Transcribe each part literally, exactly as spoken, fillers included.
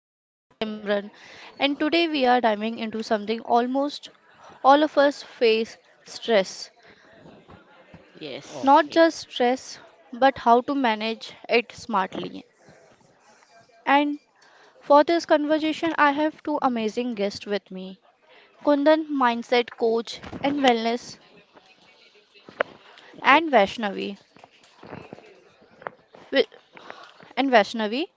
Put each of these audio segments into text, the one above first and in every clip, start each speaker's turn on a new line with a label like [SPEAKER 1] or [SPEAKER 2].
[SPEAKER 1] your host Simran, and today we are diving into something almost all of us face stress.
[SPEAKER 2] yes.
[SPEAKER 1] Not
[SPEAKER 3] Okay,
[SPEAKER 1] just stress, but how to manage it smartly. And for this conversation, I have two amazing guests with me Kundan, mindset coach and wellness,
[SPEAKER 3] okay.
[SPEAKER 1] and Vaishnavi. wi- And Vaishnavi,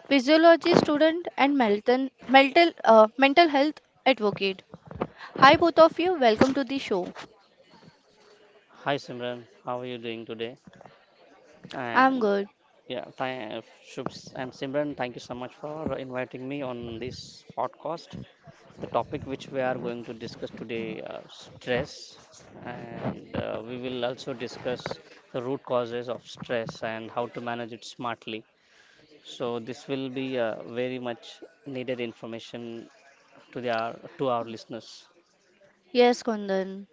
[SPEAKER 1] physiology student and mental mental, uh, mental health advocate. Hi, both of you. Welcome to the show.
[SPEAKER 3] Hi Simran, how are you doing today?
[SPEAKER 1] I'm
[SPEAKER 3] And
[SPEAKER 1] good.
[SPEAKER 3] yeah, th- Shubs and Simran, thank you so much for inviting me on this podcast. The topic which we are going to discuss today, uh, stress, and uh, we will also discuss the root causes of stress and how to manage it smartly. So this will be uh, very much needed information to the our, to our listeners.
[SPEAKER 1] Yes, Kundan.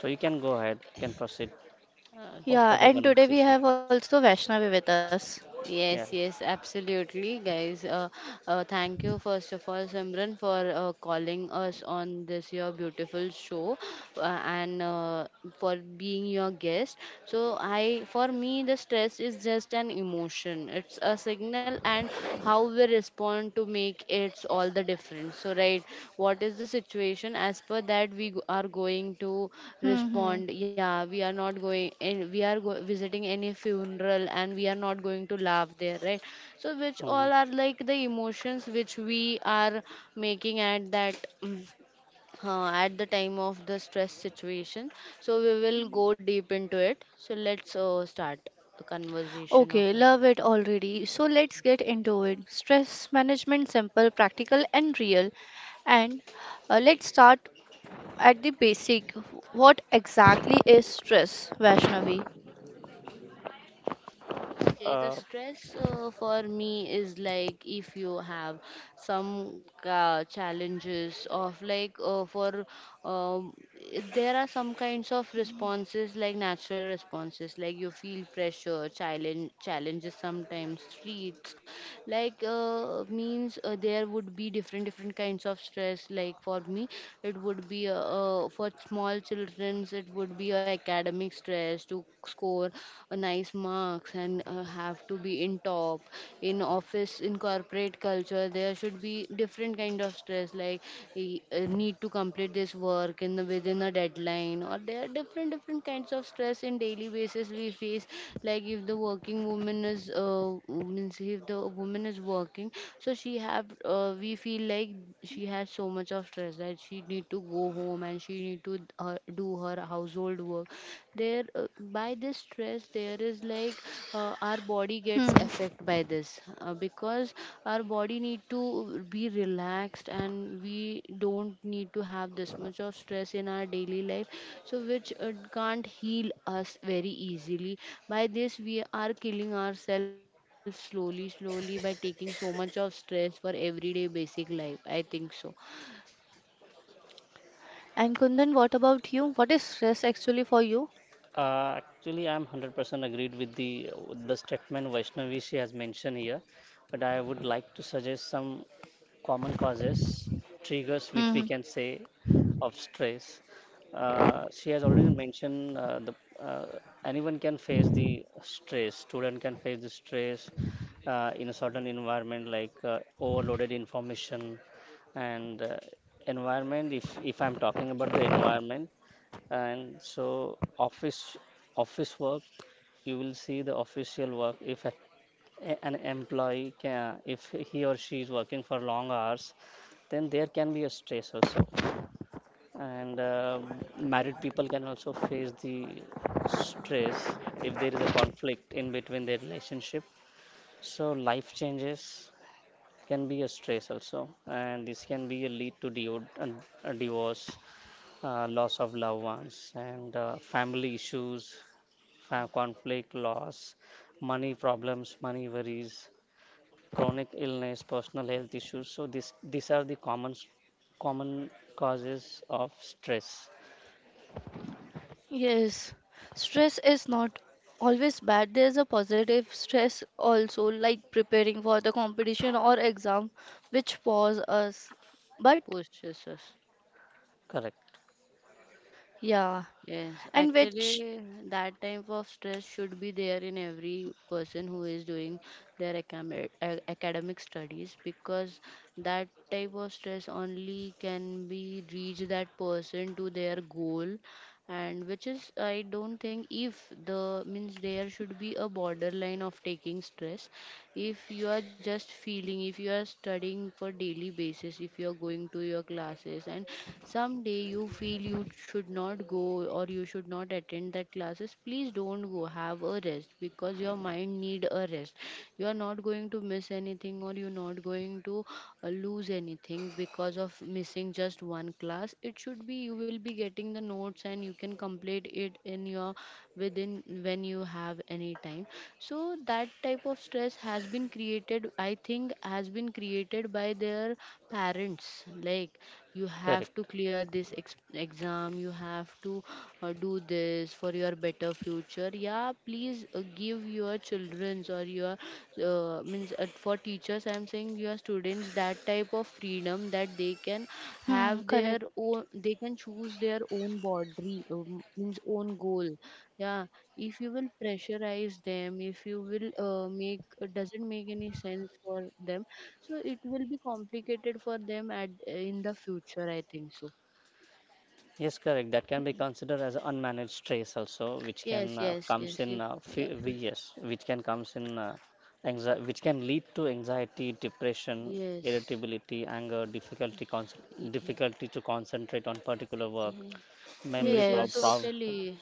[SPEAKER 3] So you can go ahead, you can proceed
[SPEAKER 2] Uh,
[SPEAKER 3] for
[SPEAKER 1] Yeah,
[SPEAKER 3] further
[SPEAKER 1] and today we
[SPEAKER 3] conversation.
[SPEAKER 1] have also Vaishnavi with us.
[SPEAKER 3] Yeah.
[SPEAKER 2] Yes, yes, absolutely, guys. Uh, uh, thank you, first of all, Simran, for uh, calling us on this your beautiful show, uh, and uh, for being your guest. So, I for me, the stress is just an emotion. It's a signal, and how we respond to make it's all the difference. So, right, what is the situation? As per that, we go- are going to
[SPEAKER 1] Hmm, hmm.
[SPEAKER 2] respond. Yeah, we are not going, and we are go- visiting any funeral, and we are not going to laugh there, right? So, which
[SPEAKER 3] Mm-hmm.
[SPEAKER 2] all are like the emotions which we are making at that. Mm, Uh, at the time of the stress situation, so we will go deep into it, so let's uh, start the conversation
[SPEAKER 1] Okay,
[SPEAKER 2] of it.
[SPEAKER 1] love it already. So let's get into it. Stress management, simple, practical, and real. And uh, let's start at the basic. What exactly is stress, Vaishnavi?
[SPEAKER 2] Okay, the
[SPEAKER 3] Uh,
[SPEAKER 2] stress uh, for me is like if you have some uh, challenges of, like, uh, for um, i- there are some kinds of responses, like natural responses, like you feel pressure, challenge challenges, sometimes streets, like uh, means uh, there would be different different kinds of stress. Like, for me, it would be uh, uh, for small childrens, it would be a academic stress stress to score a nice marks, and uh, have to be in top. In office, in corporate culture, there should be different kind of stress, like y- uh, need to complete this work in the, within a deadline, or there are different different kinds of stress in daily basis we face. Like, if the working woman is uh, means if the woman is working, so she have, uh, we feel like she has so much of stress that she need to go home, and she need to uh, do her household work there. Uh, by this stress, there is like, uh, our body
[SPEAKER 1] Hmm.
[SPEAKER 2] gets affected by this, uh, because our body need to be relaxed, and we don't need to have this much of stress in our daily life, so which uh, can't heal us very easily. By this, we are killing ourselves slowly slowly by taking so much of stress for everyday basic life, I think so.
[SPEAKER 1] And Kundan, what about you? What is stress actually for you?
[SPEAKER 3] uh, actually, I'm one hundred percent agreed with the the statement Vaishnavi she has mentioned here, but I would like to suggest some. Common causes, triggers which we
[SPEAKER 1] Hmm.
[SPEAKER 3] can say of stress. Uh, she has already mentioned uh, the uh, anyone can face the stress. Student can face the stress uh, in a certain environment like uh, overloaded information and uh, environment. If if I'm talking about the environment, and so office office work, you will see the official work if a a- an employee can, if he or she is working for long hours, then there can be a stress also. And uh, married people can also face the stress if there is a conflict in between their relationship, so life changes can be a stress also, and this can be a lead to divo- uh, a divorce, uh, loss of loved ones and uh, family issues, fa- conflict loss, money problems, money worries, chronic illness, personal health issues. So this these are the common common causes of stress.
[SPEAKER 1] Yes, stress is not always bad. There's a positive stress also, like preparing for the competition or exam, which pause us. But
[SPEAKER 2] Pushes us.
[SPEAKER 3] Correct.
[SPEAKER 1] yeah,
[SPEAKER 2] Yes,
[SPEAKER 1] and which,
[SPEAKER 2] actually, that type of stress should be there in every person who is doing their acam- a- academic studies, because that type of stress only can be reach that person to their goal. And which is, I don't think if the, means, there should be a borderline of taking stress. If you are just feeling, if you are studying for daily basis, if you are going to your classes, and someday you feel you should not go or you should not attend that classes, please don't go, have a rest, because your mind need a rest. You are not going to miss anything, or you're not going to uh, lose anything because of missing just one class. It should be, you will be getting the notes, and you can complete it in your within when you have any time time. So that type of stress has been created, I think, has been created by their parents, like, you have to
[SPEAKER 3] Correct.
[SPEAKER 2] clear this ex- exam, you have to uh, do this for your better future. Yeah, please uh, give your children's, or your, uh, means uh, for teachers, I'm saying, your students that type of freedom, that they can
[SPEAKER 1] hmm,
[SPEAKER 2] have their
[SPEAKER 1] correct.
[SPEAKER 2] own, they can choose their own boundary, um, means own goal. Yeah, if you will pressurize them, if you will uh, make it, doesn't make any sense for them, so it will be complicated for them at uh, in the future, I think so.
[SPEAKER 3] Yes, correct. That can be considered as unmanaged stress also, which can
[SPEAKER 2] Yes,
[SPEAKER 3] uh,
[SPEAKER 2] yes,
[SPEAKER 3] comes
[SPEAKER 2] yes,
[SPEAKER 3] in
[SPEAKER 2] you,
[SPEAKER 3] uh,
[SPEAKER 2] yeah,
[SPEAKER 3] fe- we- yes, which can comes in uh, anxiety, which can lead to anxiety, depression,
[SPEAKER 2] yes,
[SPEAKER 3] irritability, anger, difficulty concent
[SPEAKER 2] Y-
[SPEAKER 3] difficulty to concentrate on particular work, memory
[SPEAKER 2] yes. You are
[SPEAKER 3] prob problem.
[SPEAKER 1] Yes,
[SPEAKER 2] totally,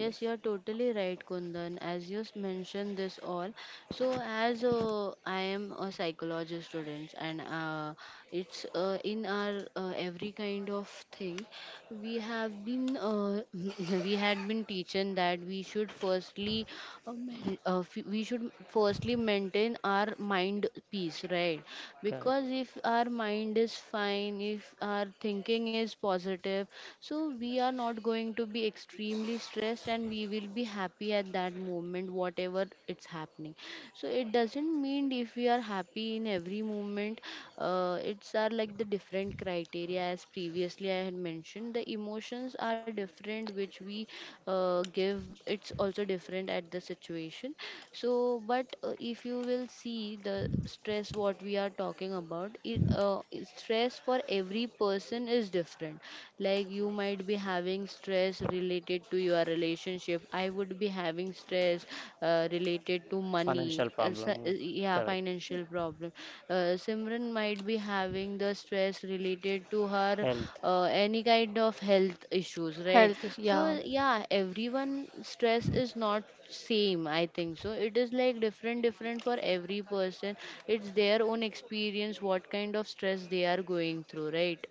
[SPEAKER 2] yes, you are totally right, Kundan, as you s- mentioned this all. So, as uh, I am a psychology student, and uh, it's uh, in our uh, every kind of thing, we have been uh, we had been teaching that we should firstly uh, main- uh, f- we should firstly maintain our mind peace, right?
[SPEAKER 3] correct.
[SPEAKER 2] Because if our mind is fine, if our thinking is positive, so we are not going going to be extremely stressed, and we will be happy at that moment, whatever it's happening. So it doesn't mean if we are happy in every moment, uh, it's are like the different criteria, as previously I had mentioned. The emotions are different, which we uh, give. It's also different at the situation. So, but uh, if you will see the stress, what we are talking about, it, uh, stress for every person is different. Like like you might be having stress related to your relationship, I would be having stress uh, related to money,
[SPEAKER 3] Financial
[SPEAKER 2] uh, so- uh,
[SPEAKER 3] problem.
[SPEAKER 2] yeah,
[SPEAKER 3] Correct.
[SPEAKER 2] financial problem. uh, Simran might be having the stress related to her
[SPEAKER 3] Health.
[SPEAKER 2] uh, any kind of health issues, right?
[SPEAKER 1] health,
[SPEAKER 2] So,
[SPEAKER 1] yeah,
[SPEAKER 2] yeah, everyone, stress is not same, I think so. It is like different different for every person. It's their own experience, what kind of stress they are going through, right?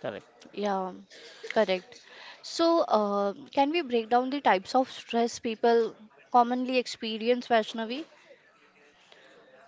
[SPEAKER 3] Correct.
[SPEAKER 1] yeah, correct. So, uh, can we break down the types of stress people commonly experience, Vaishnavi?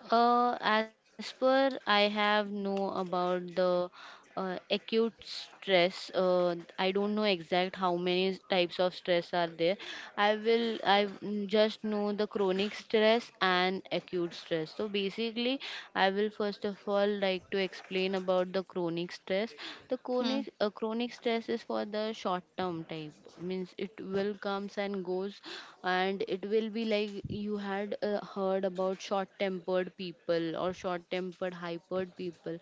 [SPEAKER 2] Uh, as per I have know about the uh, acute stress, uh, I don't know exact how many types of stress are there. I will i mm, just know the chronic stress and acute stress. So basically, I will first of all like to explain about the chronic stress. the chronic
[SPEAKER 1] Hmm,
[SPEAKER 2] uh, chronic stress is for the short term type, means it will comes and goes, and it will be like you had uh, heard about short tempered people or short tempered hypered people.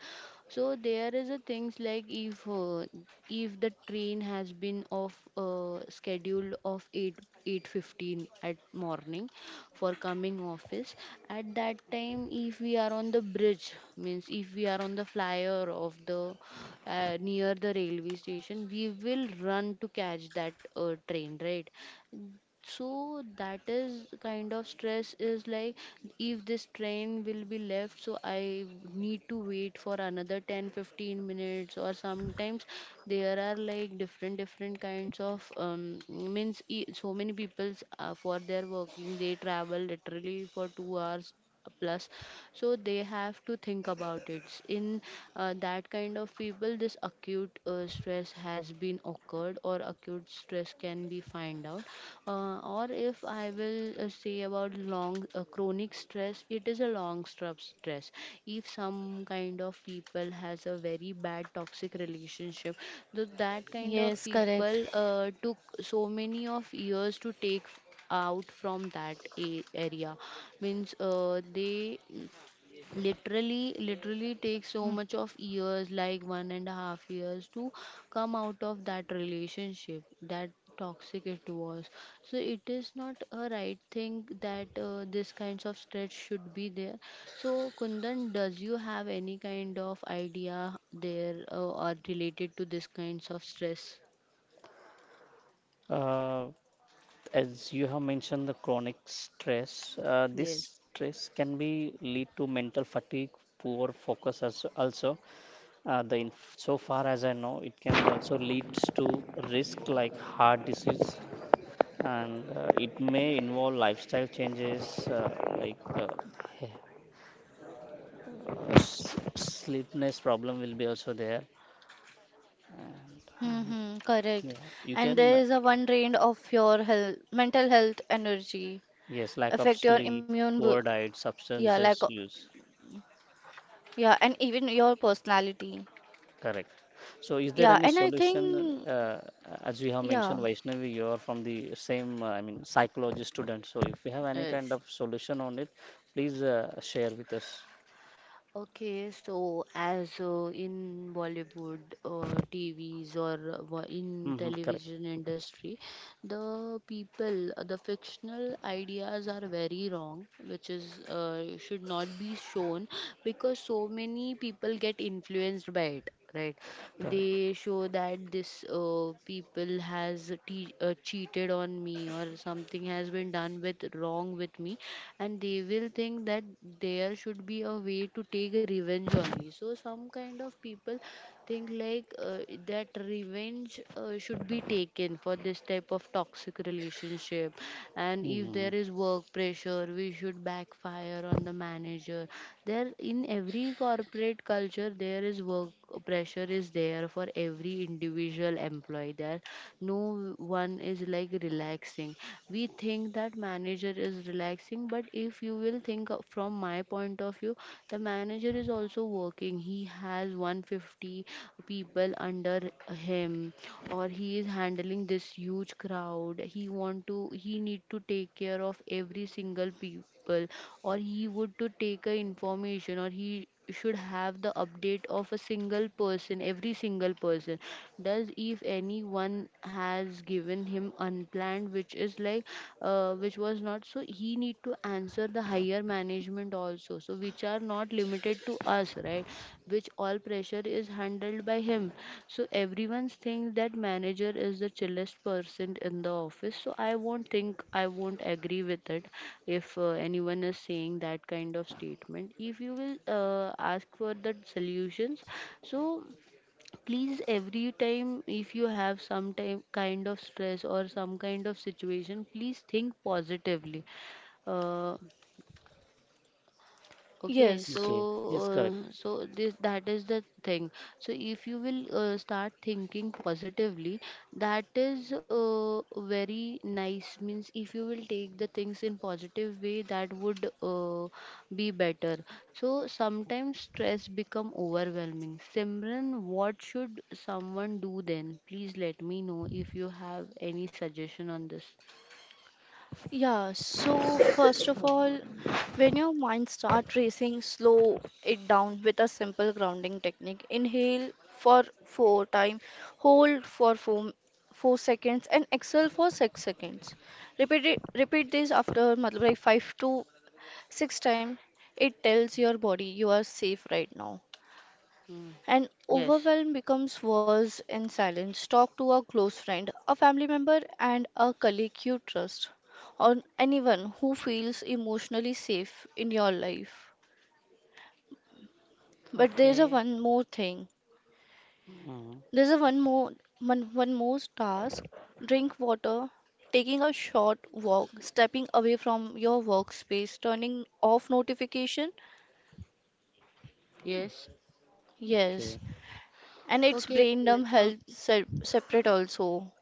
[SPEAKER 2] So there is a things like, if uh, if the train has been off uh, schedule of 8 eight fifteen at morning for coming office. At that time, if we are on the bridge, means if we are on the flyer of the, uh, near the railway station, we will run to catch that uh, train, right? So that is kind of stress is like, if this train will be left, so I need to wait for another ten, fifteen minutes, or sometimes there are like different different kinds of um, means e- so many people's uh, for their working they travel literally for 2 hours plus. So they have to think about it in uh, that kind of people this acute uh, stress has been occurred, or acute stress can be find out. Uh, or if I will uh, say about long uh, chronic stress, it is a long stru- stress. If some kind of people has a very bad toxic relationship, th- that kind of
[SPEAKER 1] yes,
[SPEAKER 2] people
[SPEAKER 1] correct.
[SPEAKER 2] uh, took so many of years to take out from that a- area, means uh, they mm, literally literally
[SPEAKER 1] Hmm.
[SPEAKER 2] take so much of years, like one and a half years to come out of that relationship that toxic it was. So it is not a right thing that uh, this kinds of stretch should be there. So, Kundan, does you have any kind of idea there, uh, or related to this kinds of stress?
[SPEAKER 3] Uh, as you have mentioned, the chronic stress, uh, this
[SPEAKER 2] Yes.
[SPEAKER 3] stress can be lead to mental fatigue, poor focus as also. Uh, the inf so far as I know, it can also leads to risk like heart disease, and uh, it may involve lifestyle changes uh, like uh, he- uh, s- sleepiness problem will be also there.
[SPEAKER 1] Mm-hmm, correct.
[SPEAKER 3] Yeah, you
[SPEAKER 1] And
[SPEAKER 3] can
[SPEAKER 1] there is a one drain of your health, mental health energy,
[SPEAKER 3] yes, lack of
[SPEAKER 1] affect your
[SPEAKER 3] sleep,
[SPEAKER 1] immune, bu-
[SPEAKER 3] poor diet,
[SPEAKER 1] yeah, like, uh,
[SPEAKER 3] substances use.
[SPEAKER 1] yeah, and even your personality.
[SPEAKER 3] Correct. So, is there
[SPEAKER 1] Yeah,
[SPEAKER 3] any
[SPEAKER 1] and I
[SPEAKER 3] solution?
[SPEAKER 1] think,
[SPEAKER 3] Uh, as we have
[SPEAKER 1] yeah,
[SPEAKER 3] mentioned, Vaishnavi, you are from the same, uh, I mean, psychology student. So, if you have any kind
[SPEAKER 2] Yes.
[SPEAKER 3] of solution on it, please uh, share with us.
[SPEAKER 2] Okay, so as uh, in Bollywood, uh, T Vs, or uh, wa- in
[SPEAKER 3] Hmm. Correct.
[SPEAKER 2] television industry, the people, uh, the fictional ideas are very wrong, which is uh, should not be shown, because so many people get influenced by it, right?
[SPEAKER 3] Correct.
[SPEAKER 2] They show that this uh, people has te- uh, cheated on me, or something has been done with wrong with me, and they will think that there should be a way to take revenge on me. So some kind of people think like, uh, that revenge uh, should be taken for this type of toxic relationship. And if
[SPEAKER 3] Hmm.
[SPEAKER 2] there is work pressure, we should backfire on the manager there. In every corporate culture, there is work pressure is there for every individual employee there. No one is like relaxing. We think that manager is relaxing, but if you will think of- from my point of view, the manager is also working. He has one hundred fifty people under him, or he is handling this huge crowd. He want to, he need to take care of every single people, or he would to take a information, or he should have the update of a single person, every single person. Does, if anyone has given him unplanned, which is like, uh, which was not, so he need to answer the higher management also, so which are not limited to us, right? Which all pressure is handled by him. So everyone thinks that manager is the chillest person in the office, so I won't think, I won't agree with it. If uh, anyone is saying that kind of statement, if you will uh, ask for the solutions. So please, every time if you have some time kind of stress or some kind of situation, please think positively. uh, Okay, so
[SPEAKER 1] yes.
[SPEAKER 3] Okay. Yes, correct.
[SPEAKER 2] uh, so this that is the thing. So if you will uh, start thinking positively, that is uh, very nice. Means if you will take the things in positive way, that would uh, be better. So sometimes stress become overwhelming. Simran, what should someone do then? Please let me know if you have any suggestion on this.
[SPEAKER 1] Yeah, so first of all, when your mind start racing, slow it down with a simple grounding technique. Inhale for four time, hold for four, four seconds, and exhale for six seconds. Repeat it, repeat this after matlab, like five to six time. It tells your body you are safe right now,
[SPEAKER 2] Mm.
[SPEAKER 1] and
[SPEAKER 2] Yes.
[SPEAKER 1] overwhelm becomes worse in silence. Talk to a close friend, a family member, and a colleague you trust, or anyone who feels emotionally safe in your life. But there's a
[SPEAKER 2] Okay.
[SPEAKER 1] one more thing.
[SPEAKER 3] Hmm.
[SPEAKER 1] There's a one more one, one more task. Drink water, taking a short walk, stepping away from your workspace, turning off notification.
[SPEAKER 2] Yes.
[SPEAKER 1] Yes,
[SPEAKER 3] Okay.
[SPEAKER 1] and it's
[SPEAKER 2] Okay.
[SPEAKER 1] brain dump health
[SPEAKER 2] So.
[SPEAKER 1] se- separate also.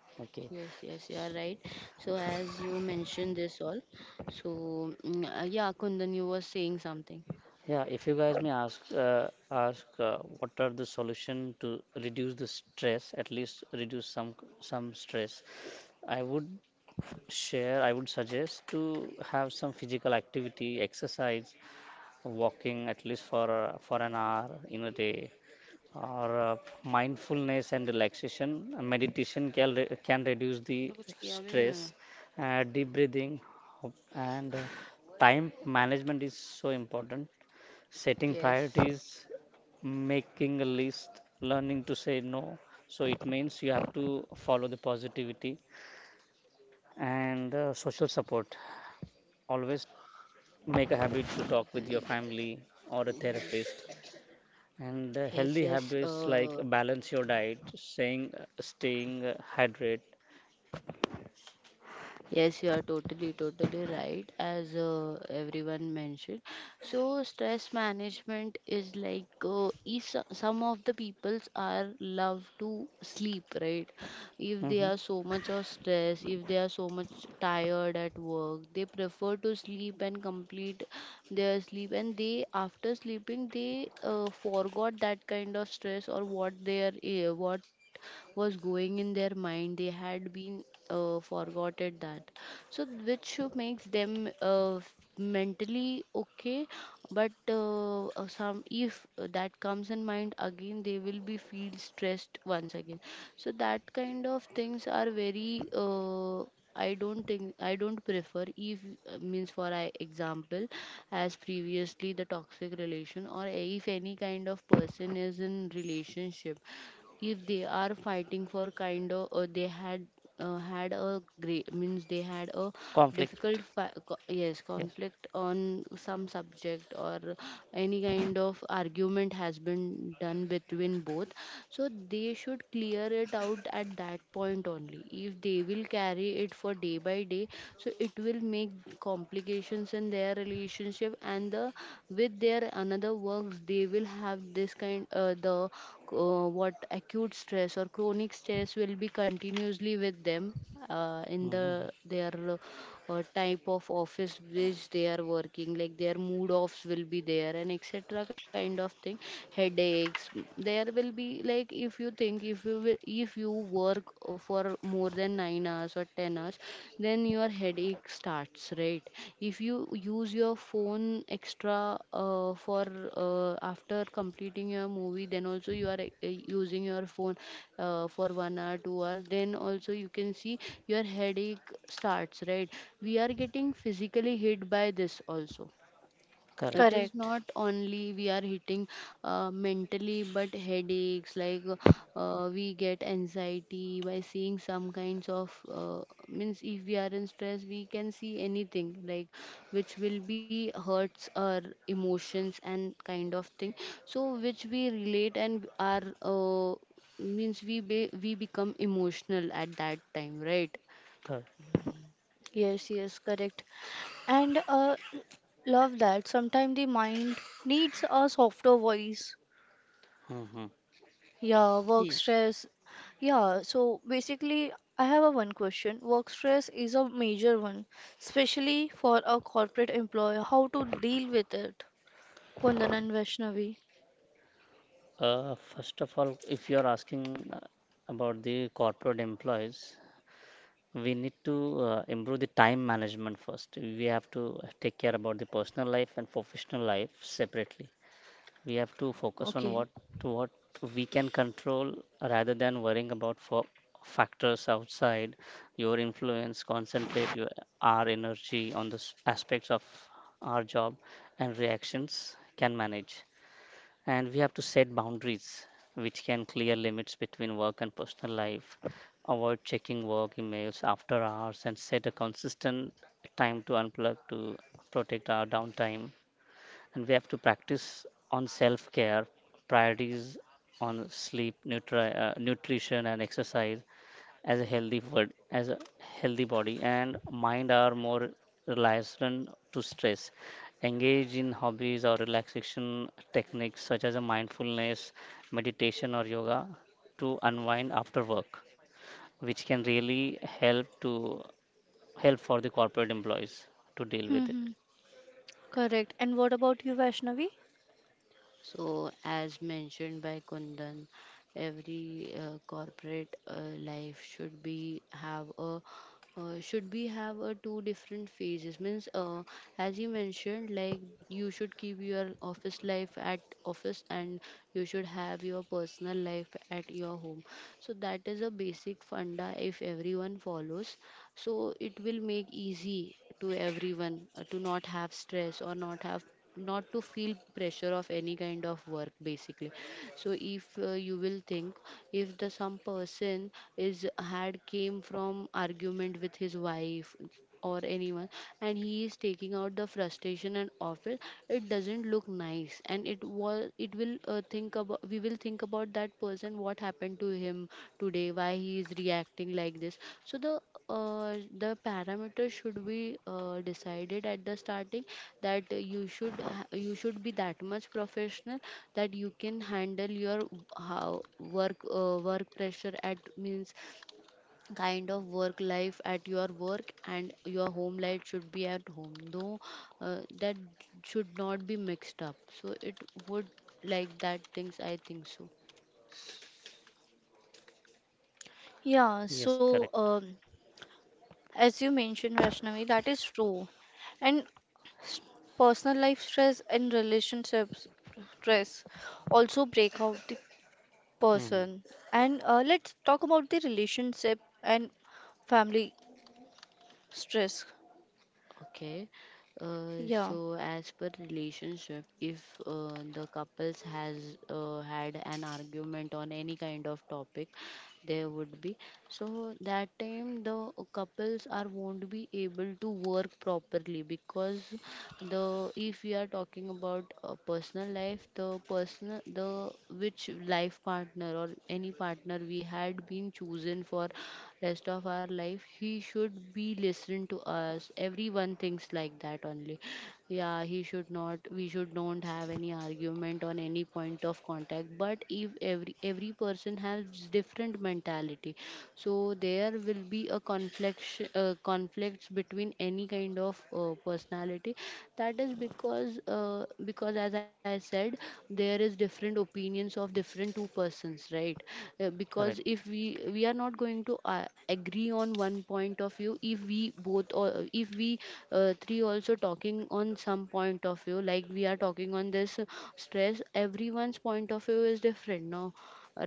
[SPEAKER 2] Yes,
[SPEAKER 3] Okay.
[SPEAKER 2] yes, you are right. So, as you mentioned this all, so mm, uh, yeah, Kundan, you were saying something.
[SPEAKER 3] Yeah, if you guys may ask, uh, ask uh, what are the solution to reduce the stress, at least reduce some some stress, I would share, I would suggest to have some physical activity, exercise, walking at least for uh, for an hour in a day, or uh, mindfulness and relaxation. Uh, Meditation can re- can reduce the
[SPEAKER 2] मतलब कुछ किया भी नहीं मैंने.
[SPEAKER 3] stress, uh, deep breathing, and uh, time management is so important, setting
[SPEAKER 2] Yes,
[SPEAKER 3] priorities, making a list, learning to say no. So it means you have to follow the positivity and uh, social support. Always make a habit to talk with your family or a therapist, and uh,
[SPEAKER 2] yes,
[SPEAKER 3] healthy
[SPEAKER 2] yes.
[SPEAKER 3] habits like
[SPEAKER 2] Uh,
[SPEAKER 3] balance your diet, saying staying uh, hydrated.
[SPEAKER 2] Yes, you are totally, totally right, as uh, everyone mentioned. So, stress management is like, uh, if so- some of the peoples are love to sleep, right? If they
[SPEAKER 3] Hmm.
[SPEAKER 2] are so much of stress, if they are so much tired at work, they prefer to sleep and complete their sleep, and they after sleeping they uh, forgot that kind of stress or what their, uh, what was going in their mind. They had been, uh, forgot it that, so which makes them uh, f- mentally okay, but uh, uh, some, if that comes in mind again they will be feel stressed once again. So that kind of things are very, uh, I don't think, I don't prefer if, uh, means for I example, as previously the toxic relation, or if any kind of person is in relationship, if they are fighting for kind of, uh, they had uh, had a great, means they had a
[SPEAKER 3] Conflict.
[SPEAKER 2] difficult fi- co- yes,
[SPEAKER 3] Yes.
[SPEAKER 2] conflict on some subject, or any kind of argument has been done between both. So they should clear it out at that point only. If they will carry it for day by day, so it will make complications in their relationship and the with their another works. They will have this kind, uh, the co- what, acute stress or chronic stress will be continuously with them, uh, in
[SPEAKER 3] Hmm.
[SPEAKER 2] the their uh, type of office which they are working, like their mood offs will be there and etc kind of thing, headaches. There will be like, if you think, if you will, if you work for more than nine hours hours or ten hours, then your headache starts, right? If you use your phone extra, uh, for uh, after completing your movie, then also you are, uh, using your phone, uh, for one hour two hours, then also you can see your headache starts, right? We are getting physically hit by this also. It
[SPEAKER 3] Correct.
[SPEAKER 2] is
[SPEAKER 1] Correct.
[SPEAKER 2] not only we are hitting, uh, mentally, but headaches, like, uh, we get anxiety by seeing some kinds of, uh, means if we are in stress we can see anything, like which will be hurts our emotions and kind of thing. So which we relate and are, uh, means we be, we become emotional at that time, right?
[SPEAKER 3] Correct.
[SPEAKER 1] Yes, yes, correct. And uh, love that. Sometimes the mind needs a softer voice.
[SPEAKER 3] Hmm.
[SPEAKER 1] Yeah, work
[SPEAKER 2] Yes.
[SPEAKER 1] stress. Yeah, so basically, I have a one question. Work stress is a major one, especially for a corporate employer. How to deal with it? Kundan and Vaishnavi.
[SPEAKER 3] uh, first of all, if you are asking uh, about the corporate employees, we need to uh, improve the time management first. We have to take care about the personal life and professional life separately. We have to focus on
[SPEAKER 1] Okay.
[SPEAKER 3] what what we can control rather than worrying about for factors outside your influence. Concentrate your our energy on the s- aspects of our job and reactions can manage, and we have to set boundaries which can clear limits between work and personal life. Avoid checking work emails after hours and set a consistent time to unplug to protect our downtime. And we have to practice on self care, priorities on sleep, nutri- uh, nutrition and exercise, as a healthy food, as a healthy body and mind are more resistant to stress. Engage in hobbies or relaxation techniques such as a mindfulness, meditation or yoga to unwind after work, which can really help to help for the corporate employees to deal with it.
[SPEAKER 1] Mm-hmm. Correct. And what about you, Vaishnavi?
[SPEAKER 2] So, as mentioned by Kundan, every uh, corporate uh, life should be have a, uh, should be have a two different phases, means uh, as you mentioned, like you should keep your office life at office, and you should have your personal life at your home. So that is a basic funda. If everyone follows, so it will make easy to everyone, uh, to not have stress or not have, not to feel pressure of any kind of work basically. So if, uh, you will think, if the some person is had came from argument with his wife or anyone, and he is taking out the frustration and of it, it doesn't look nice, and it was, it will, uh, think about, we will think about that person, what happened to him today, why he is reacting like this. So the, uh, the parameter should be, uh, decided at the starting, that you should ha- you should be that much professional that you can handle your how work, uh, work pressure at, means kind of work life at your work, and your home life should be at home, though, uh, that should not be mixed up. So it would, like that things, I think so.
[SPEAKER 1] Yeah,
[SPEAKER 3] Yes,
[SPEAKER 1] so
[SPEAKER 3] correct.
[SPEAKER 1] um, as you mentioned, Vaishnavi, that is true. And S- personal life stress and relationships stress also break out the
[SPEAKER 3] Hmm.
[SPEAKER 1] person. And uh, let's talk about the relationship and family stress.
[SPEAKER 2] Okay. Uh, so
[SPEAKER 1] Yeah.
[SPEAKER 2] as per relationship, if, uh, the couples has, uh, had an argument on any kind of topic, there would be, so that time the couples are won't be able to work properly, because the, if we are talking about a personal life, the personal, the which life partner or any partner we had been chosen for rest of our life, he should be listened to us, everyone thinks like that only. Yeah, he should not, we should don't have any argument on any point of contact, but if every every person has different mentality, so there will be a conflict, uh, conflicts between any kind of uh, personality. That is because, uh, because as I said, there is different opinions of different two persons, right? Uh, because
[SPEAKER 3] Correct.
[SPEAKER 2] if we, we are not going to, uh, agree on one point of view, if we both, or if we, uh, three also talking on some point of view, like we are talking on this, uh, stress, everyone's point of view is different now,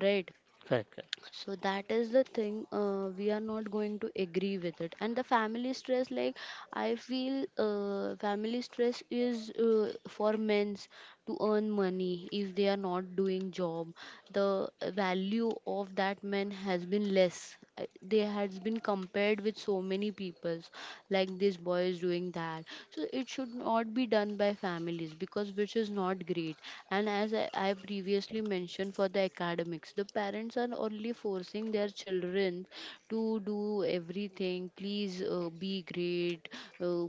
[SPEAKER 2] right?
[SPEAKER 3] Correct. Correct.
[SPEAKER 2] So that is the thing, uh, we are not going to agree with it. And the family stress, like, I feel, uh, family stress is, uh, for men's to earn money. If they are not doing job, the value of that man has been less. Uh, they has been compared with so many peoples, like this boy is doing that, that, so it should not be done by families, because which is not great. And as i, I previously mentioned for the academics, the parents are only forcing their children to do everything, please, uh, be great, uh,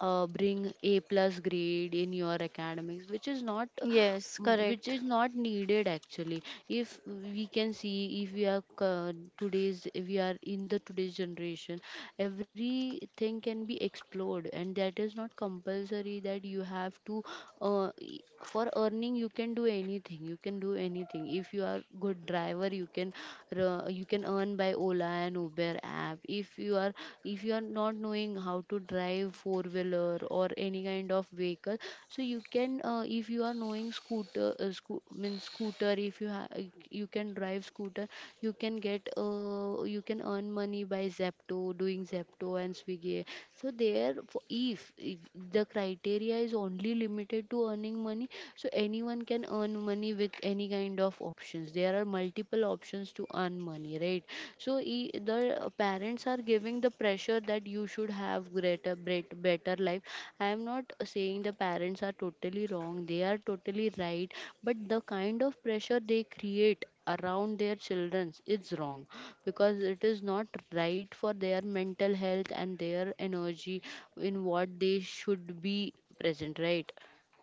[SPEAKER 2] uh, bring a plus grade in your academics, which is not,
[SPEAKER 1] Yes,
[SPEAKER 2] which
[SPEAKER 1] correct.
[SPEAKER 2] is not needed actually. If we can see, if we are co- today's, if we are in the today's generation, everything can be explored, and that is not compulsory that you have to, uh, e- for earning you can do anything, you can do anything. If you are good driver, you can r- you can earn by ola and uber app. If you are, if you are not knowing how to drive four wheeler or any kind of vehicle, so you can, uh, if you are knowing scooter, uh, sco- means scooter, if you ha- uh, you can drive scooter, you can get, uh, you can earn money by zepto, doing zepto and swiggy. So there for if, if the criteria is only limited to earning money, so anyone can earn money with any kind of options. There are multiple options to earn money, right? So e- the parents are giving the pressure that you should have greater bet- better life. I am not saying the parents are totally wrong, they are totally right, but the kind of pressure they create around their children is wrong, because it is not right for their mental health and their energy in what they should be present, right?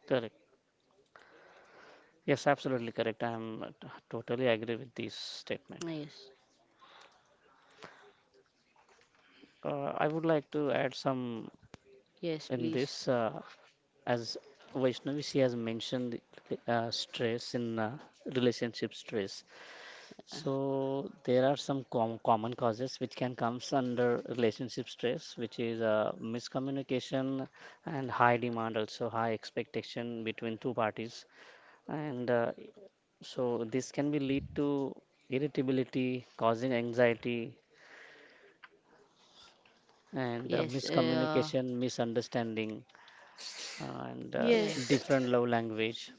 [SPEAKER 3] Correct. Yes, absolutely correct. I am uh, t- totally agree with this statement.
[SPEAKER 2] Yes.
[SPEAKER 3] Uh, I would like to add some
[SPEAKER 2] Yes,
[SPEAKER 3] in
[SPEAKER 2] please.
[SPEAKER 3] this. Uh, As Vaishnavi, she has mentioned uh, stress in uh, relationship stress.
[SPEAKER 2] Uh,
[SPEAKER 3] So there are some com common causes which can comes under relationship stress, which is uh, miscommunication and high demand, also high expectation between two parties. And uh, so this can be lead to irritability, causing anxiety and uh,
[SPEAKER 2] yes. uh,
[SPEAKER 3] miscommunication, misunderstanding, uh, and uh,
[SPEAKER 1] Yes.
[SPEAKER 2] yes.
[SPEAKER 3] different love language.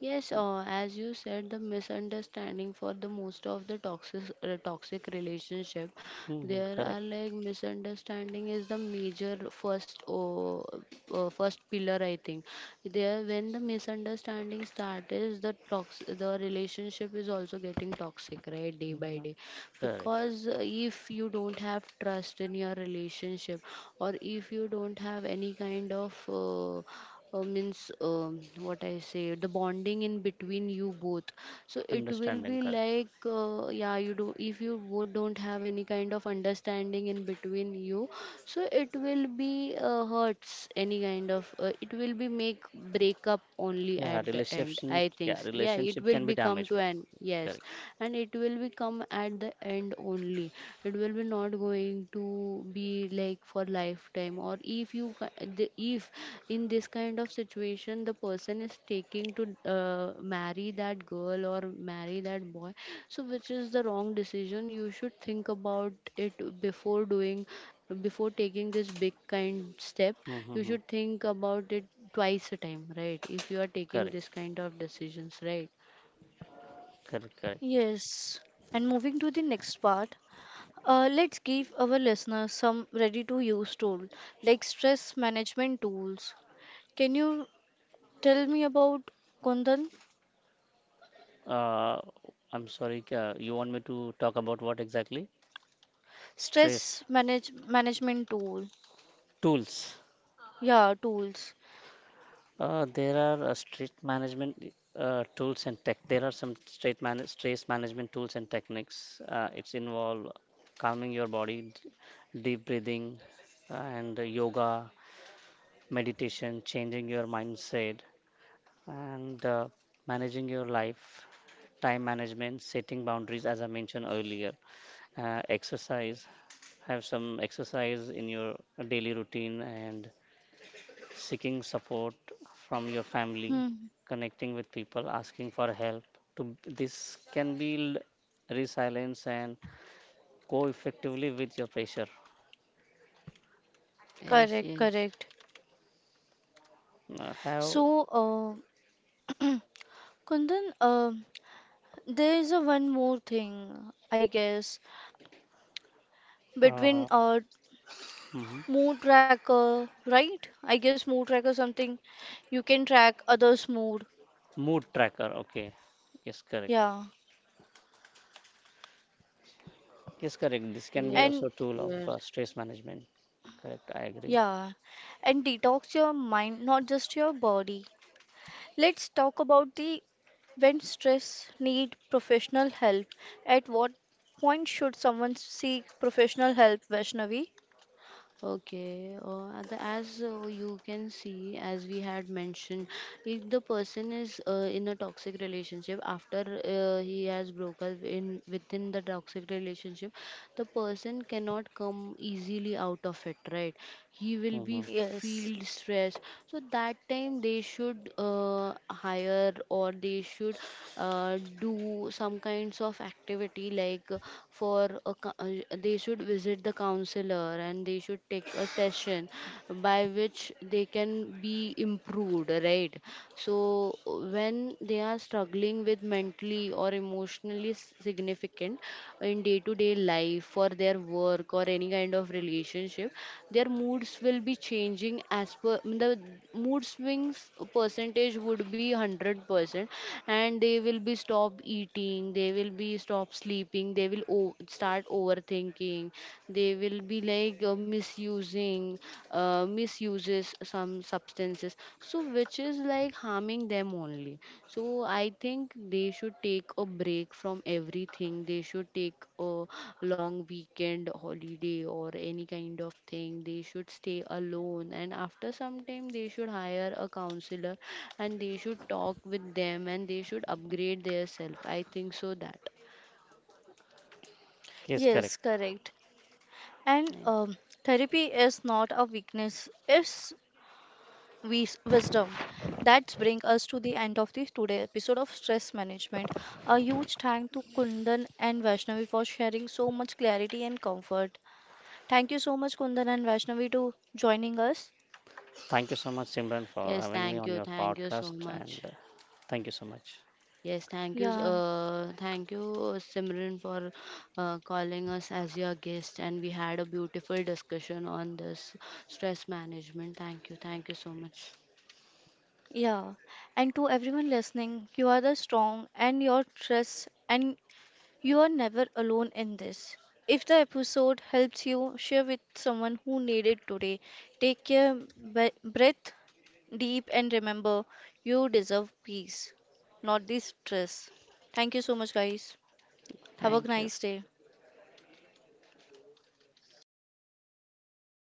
[SPEAKER 2] Yes, uh, as you said, the misunderstanding for the most of the toxic, uh, toxic relationship,
[SPEAKER 3] Hmm,
[SPEAKER 2] there are
[SPEAKER 3] correct.
[SPEAKER 2] like misunderstanding is the major first, uh, uh, first pillar, I think. There, when the misunderstanding starts, is the tox, the relationship is also getting toxic, right, day by
[SPEAKER 3] Mhm.
[SPEAKER 2] day,
[SPEAKER 3] Correct.
[SPEAKER 2] because, uh, if you don't have trust in your relationship, or if you don't have any kind of, uh, uh, means, um, what I say, the bonding in between you both. So it will
[SPEAKER 3] Understanding.
[SPEAKER 2] be
[SPEAKER 3] Correct.
[SPEAKER 2] like, uh, yeah, you do if you both don't have any kind of understanding in between you, so it will be, uh, hurts, any kind of, uh, it will be make breakup only
[SPEAKER 3] Yeah,
[SPEAKER 2] at the end.
[SPEAKER 3] relationship.
[SPEAKER 2] I think,
[SPEAKER 3] Yeah,
[SPEAKER 2] yeah, it
[SPEAKER 3] relationship
[SPEAKER 2] will
[SPEAKER 3] can be
[SPEAKER 2] be come
[SPEAKER 3] damaged.
[SPEAKER 2] to
[SPEAKER 3] For-
[SPEAKER 2] an, yes,
[SPEAKER 3] Correct.
[SPEAKER 2] and it will be come at the end only. It will be not, not going to be like for lifetime. Or if you ca- the- if in this kind of situation the person is taking to, uh, marry that girl, or marry that boy, so which is the wrong decision. You should think about it before doing, before taking this big kind step, you
[SPEAKER 3] Mm-hmm.
[SPEAKER 2] should think about it twice a time, right, if you are taking
[SPEAKER 3] Correct.
[SPEAKER 2] this kind of decisions, right?
[SPEAKER 3] Correct. Correct.
[SPEAKER 1] Yes. And moving to the next part, uh, let's give our listeners some ready-to-use tool like stress management tools. Can you tell me about Kundan?
[SPEAKER 3] Uh, I'm sorry. Uh, you want me to talk about what exactly? Stress
[SPEAKER 1] Stress manage management tool.
[SPEAKER 3] tools.
[SPEAKER 1] Yeah, tools.
[SPEAKER 3] Uh, there are uh, stress management uh, tools and tech. There are some stress man stress management tools and techniques. Uh, it's involve calming your body, d- deep breathing, uh, and yoga, meditation, changing your mindset and uh, managing your life, time management, setting boundaries, as I mentioned earlier, uh, exercise, have some exercise in your daily routine, and seeking support from your family,
[SPEAKER 1] Hmm.
[SPEAKER 3] connecting with people, asking for help. To this can build resilience and go effectively with your pressure.
[SPEAKER 2] Yes.
[SPEAKER 1] Correct,
[SPEAKER 2] Yes.
[SPEAKER 1] correct.
[SPEAKER 3] Uh, have
[SPEAKER 1] So, uh, Kundan, uh, there is a one more thing, I guess, between
[SPEAKER 3] uh,
[SPEAKER 1] uh,
[SPEAKER 3] mhm.
[SPEAKER 1] mood tracker, right? I guess mood tracker something you can track others' mood.
[SPEAKER 3] Mood tracker. Okay, yes, correct.
[SPEAKER 1] Yeah,
[SPEAKER 3] Yes, correct. This can
[SPEAKER 2] Yes.
[SPEAKER 3] be
[SPEAKER 1] and
[SPEAKER 3] also a tool of
[SPEAKER 2] Yes.
[SPEAKER 3] uh, stress management. Correct. I agree.
[SPEAKER 1] yeah, and detox your mind, not just your body. Let's talk about the when stress need professional help. At what point should someone seek professional help, Vaishnavi?
[SPEAKER 2] Okay, uh, and the- as, uh, you can see, as we had mentioned, if the person is, uh, in a toxic relationship, after, uh, he has broke up in within the toxic relationship, the person cannot come easily out of it, right? He will be
[SPEAKER 3] Hmm.
[SPEAKER 1] Yes.
[SPEAKER 2] feel stress. So that time they should, uh, hire, or they should, uh, do some kinds of activity, like, uh, for a cou- uh, they should visit the counselor, and they should take a session, by which they can be improved, right? So, uh, when they are struggling with mentally, or or emotionally s- significant in day to day life, for their work or any kind of relationship, their moods will be changing as per the mood swings percentage would be one hundred percent, and they will be stop eating, they will be stop sleeping, they will o- start overthinking, they will be like, uh, misusing, uh, uses some substances, so which is like harming them only. So I think they should take a break from everything. They should take a long weekend holiday or any kind of thing, they should stay alone, and after some time they should hire a counselor, and they should talk with them, and they should upgrade their self, I think so that.
[SPEAKER 3] Yes,
[SPEAKER 1] Yes,
[SPEAKER 3] correct.
[SPEAKER 1] correct. And
[SPEAKER 2] Right.
[SPEAKER 1] um, therapy is not a weakness, it's wis- wisdom. That brings us to the end of this today episode of Stress Management. A huge thank to Kundan and Vaishnavi for sharing so much clarity and comfort. Thank you so much, Kundan and Vaishnavi, to joining us.
[SPEAKER 3] Thank you so much, Simran, for
[SPEAKER 2] Yes,
[SPEAKER 3] having me
[SPEAKER 2] thank
[SPEAKER 3] on
[SPEAKER 2] you,
[SPEAKER 3] your
[SPEAKER 2] thank you so
[SPEAKER 3] podcast, and
[SPEAKER 2] much.
[SPEAKER 3] uh, thank you so much.
[SPEAKER 2] Yes, thank you.
[SPEAKER 1] Yeah,
[SPEAKER 2] Uh, thank you, uh, Simran, for, uh, calling us as your guest. And we had a beautiful discussion on this stress management. Thank you. Thank you so much.
[SPEAKER 3] Yes.
[SPEAKER 1] yeah, and to everyone listening, you are the strong and your trust, and you are never alone in this. If the episode helps you, share with someone who need it today. Take care, bre- breath deep, and remember, you deserve peace, not this stress. Thank you so much, guys. Have a
[SPEAKER 2] Thank you.
[SPEAKER 1] nice day.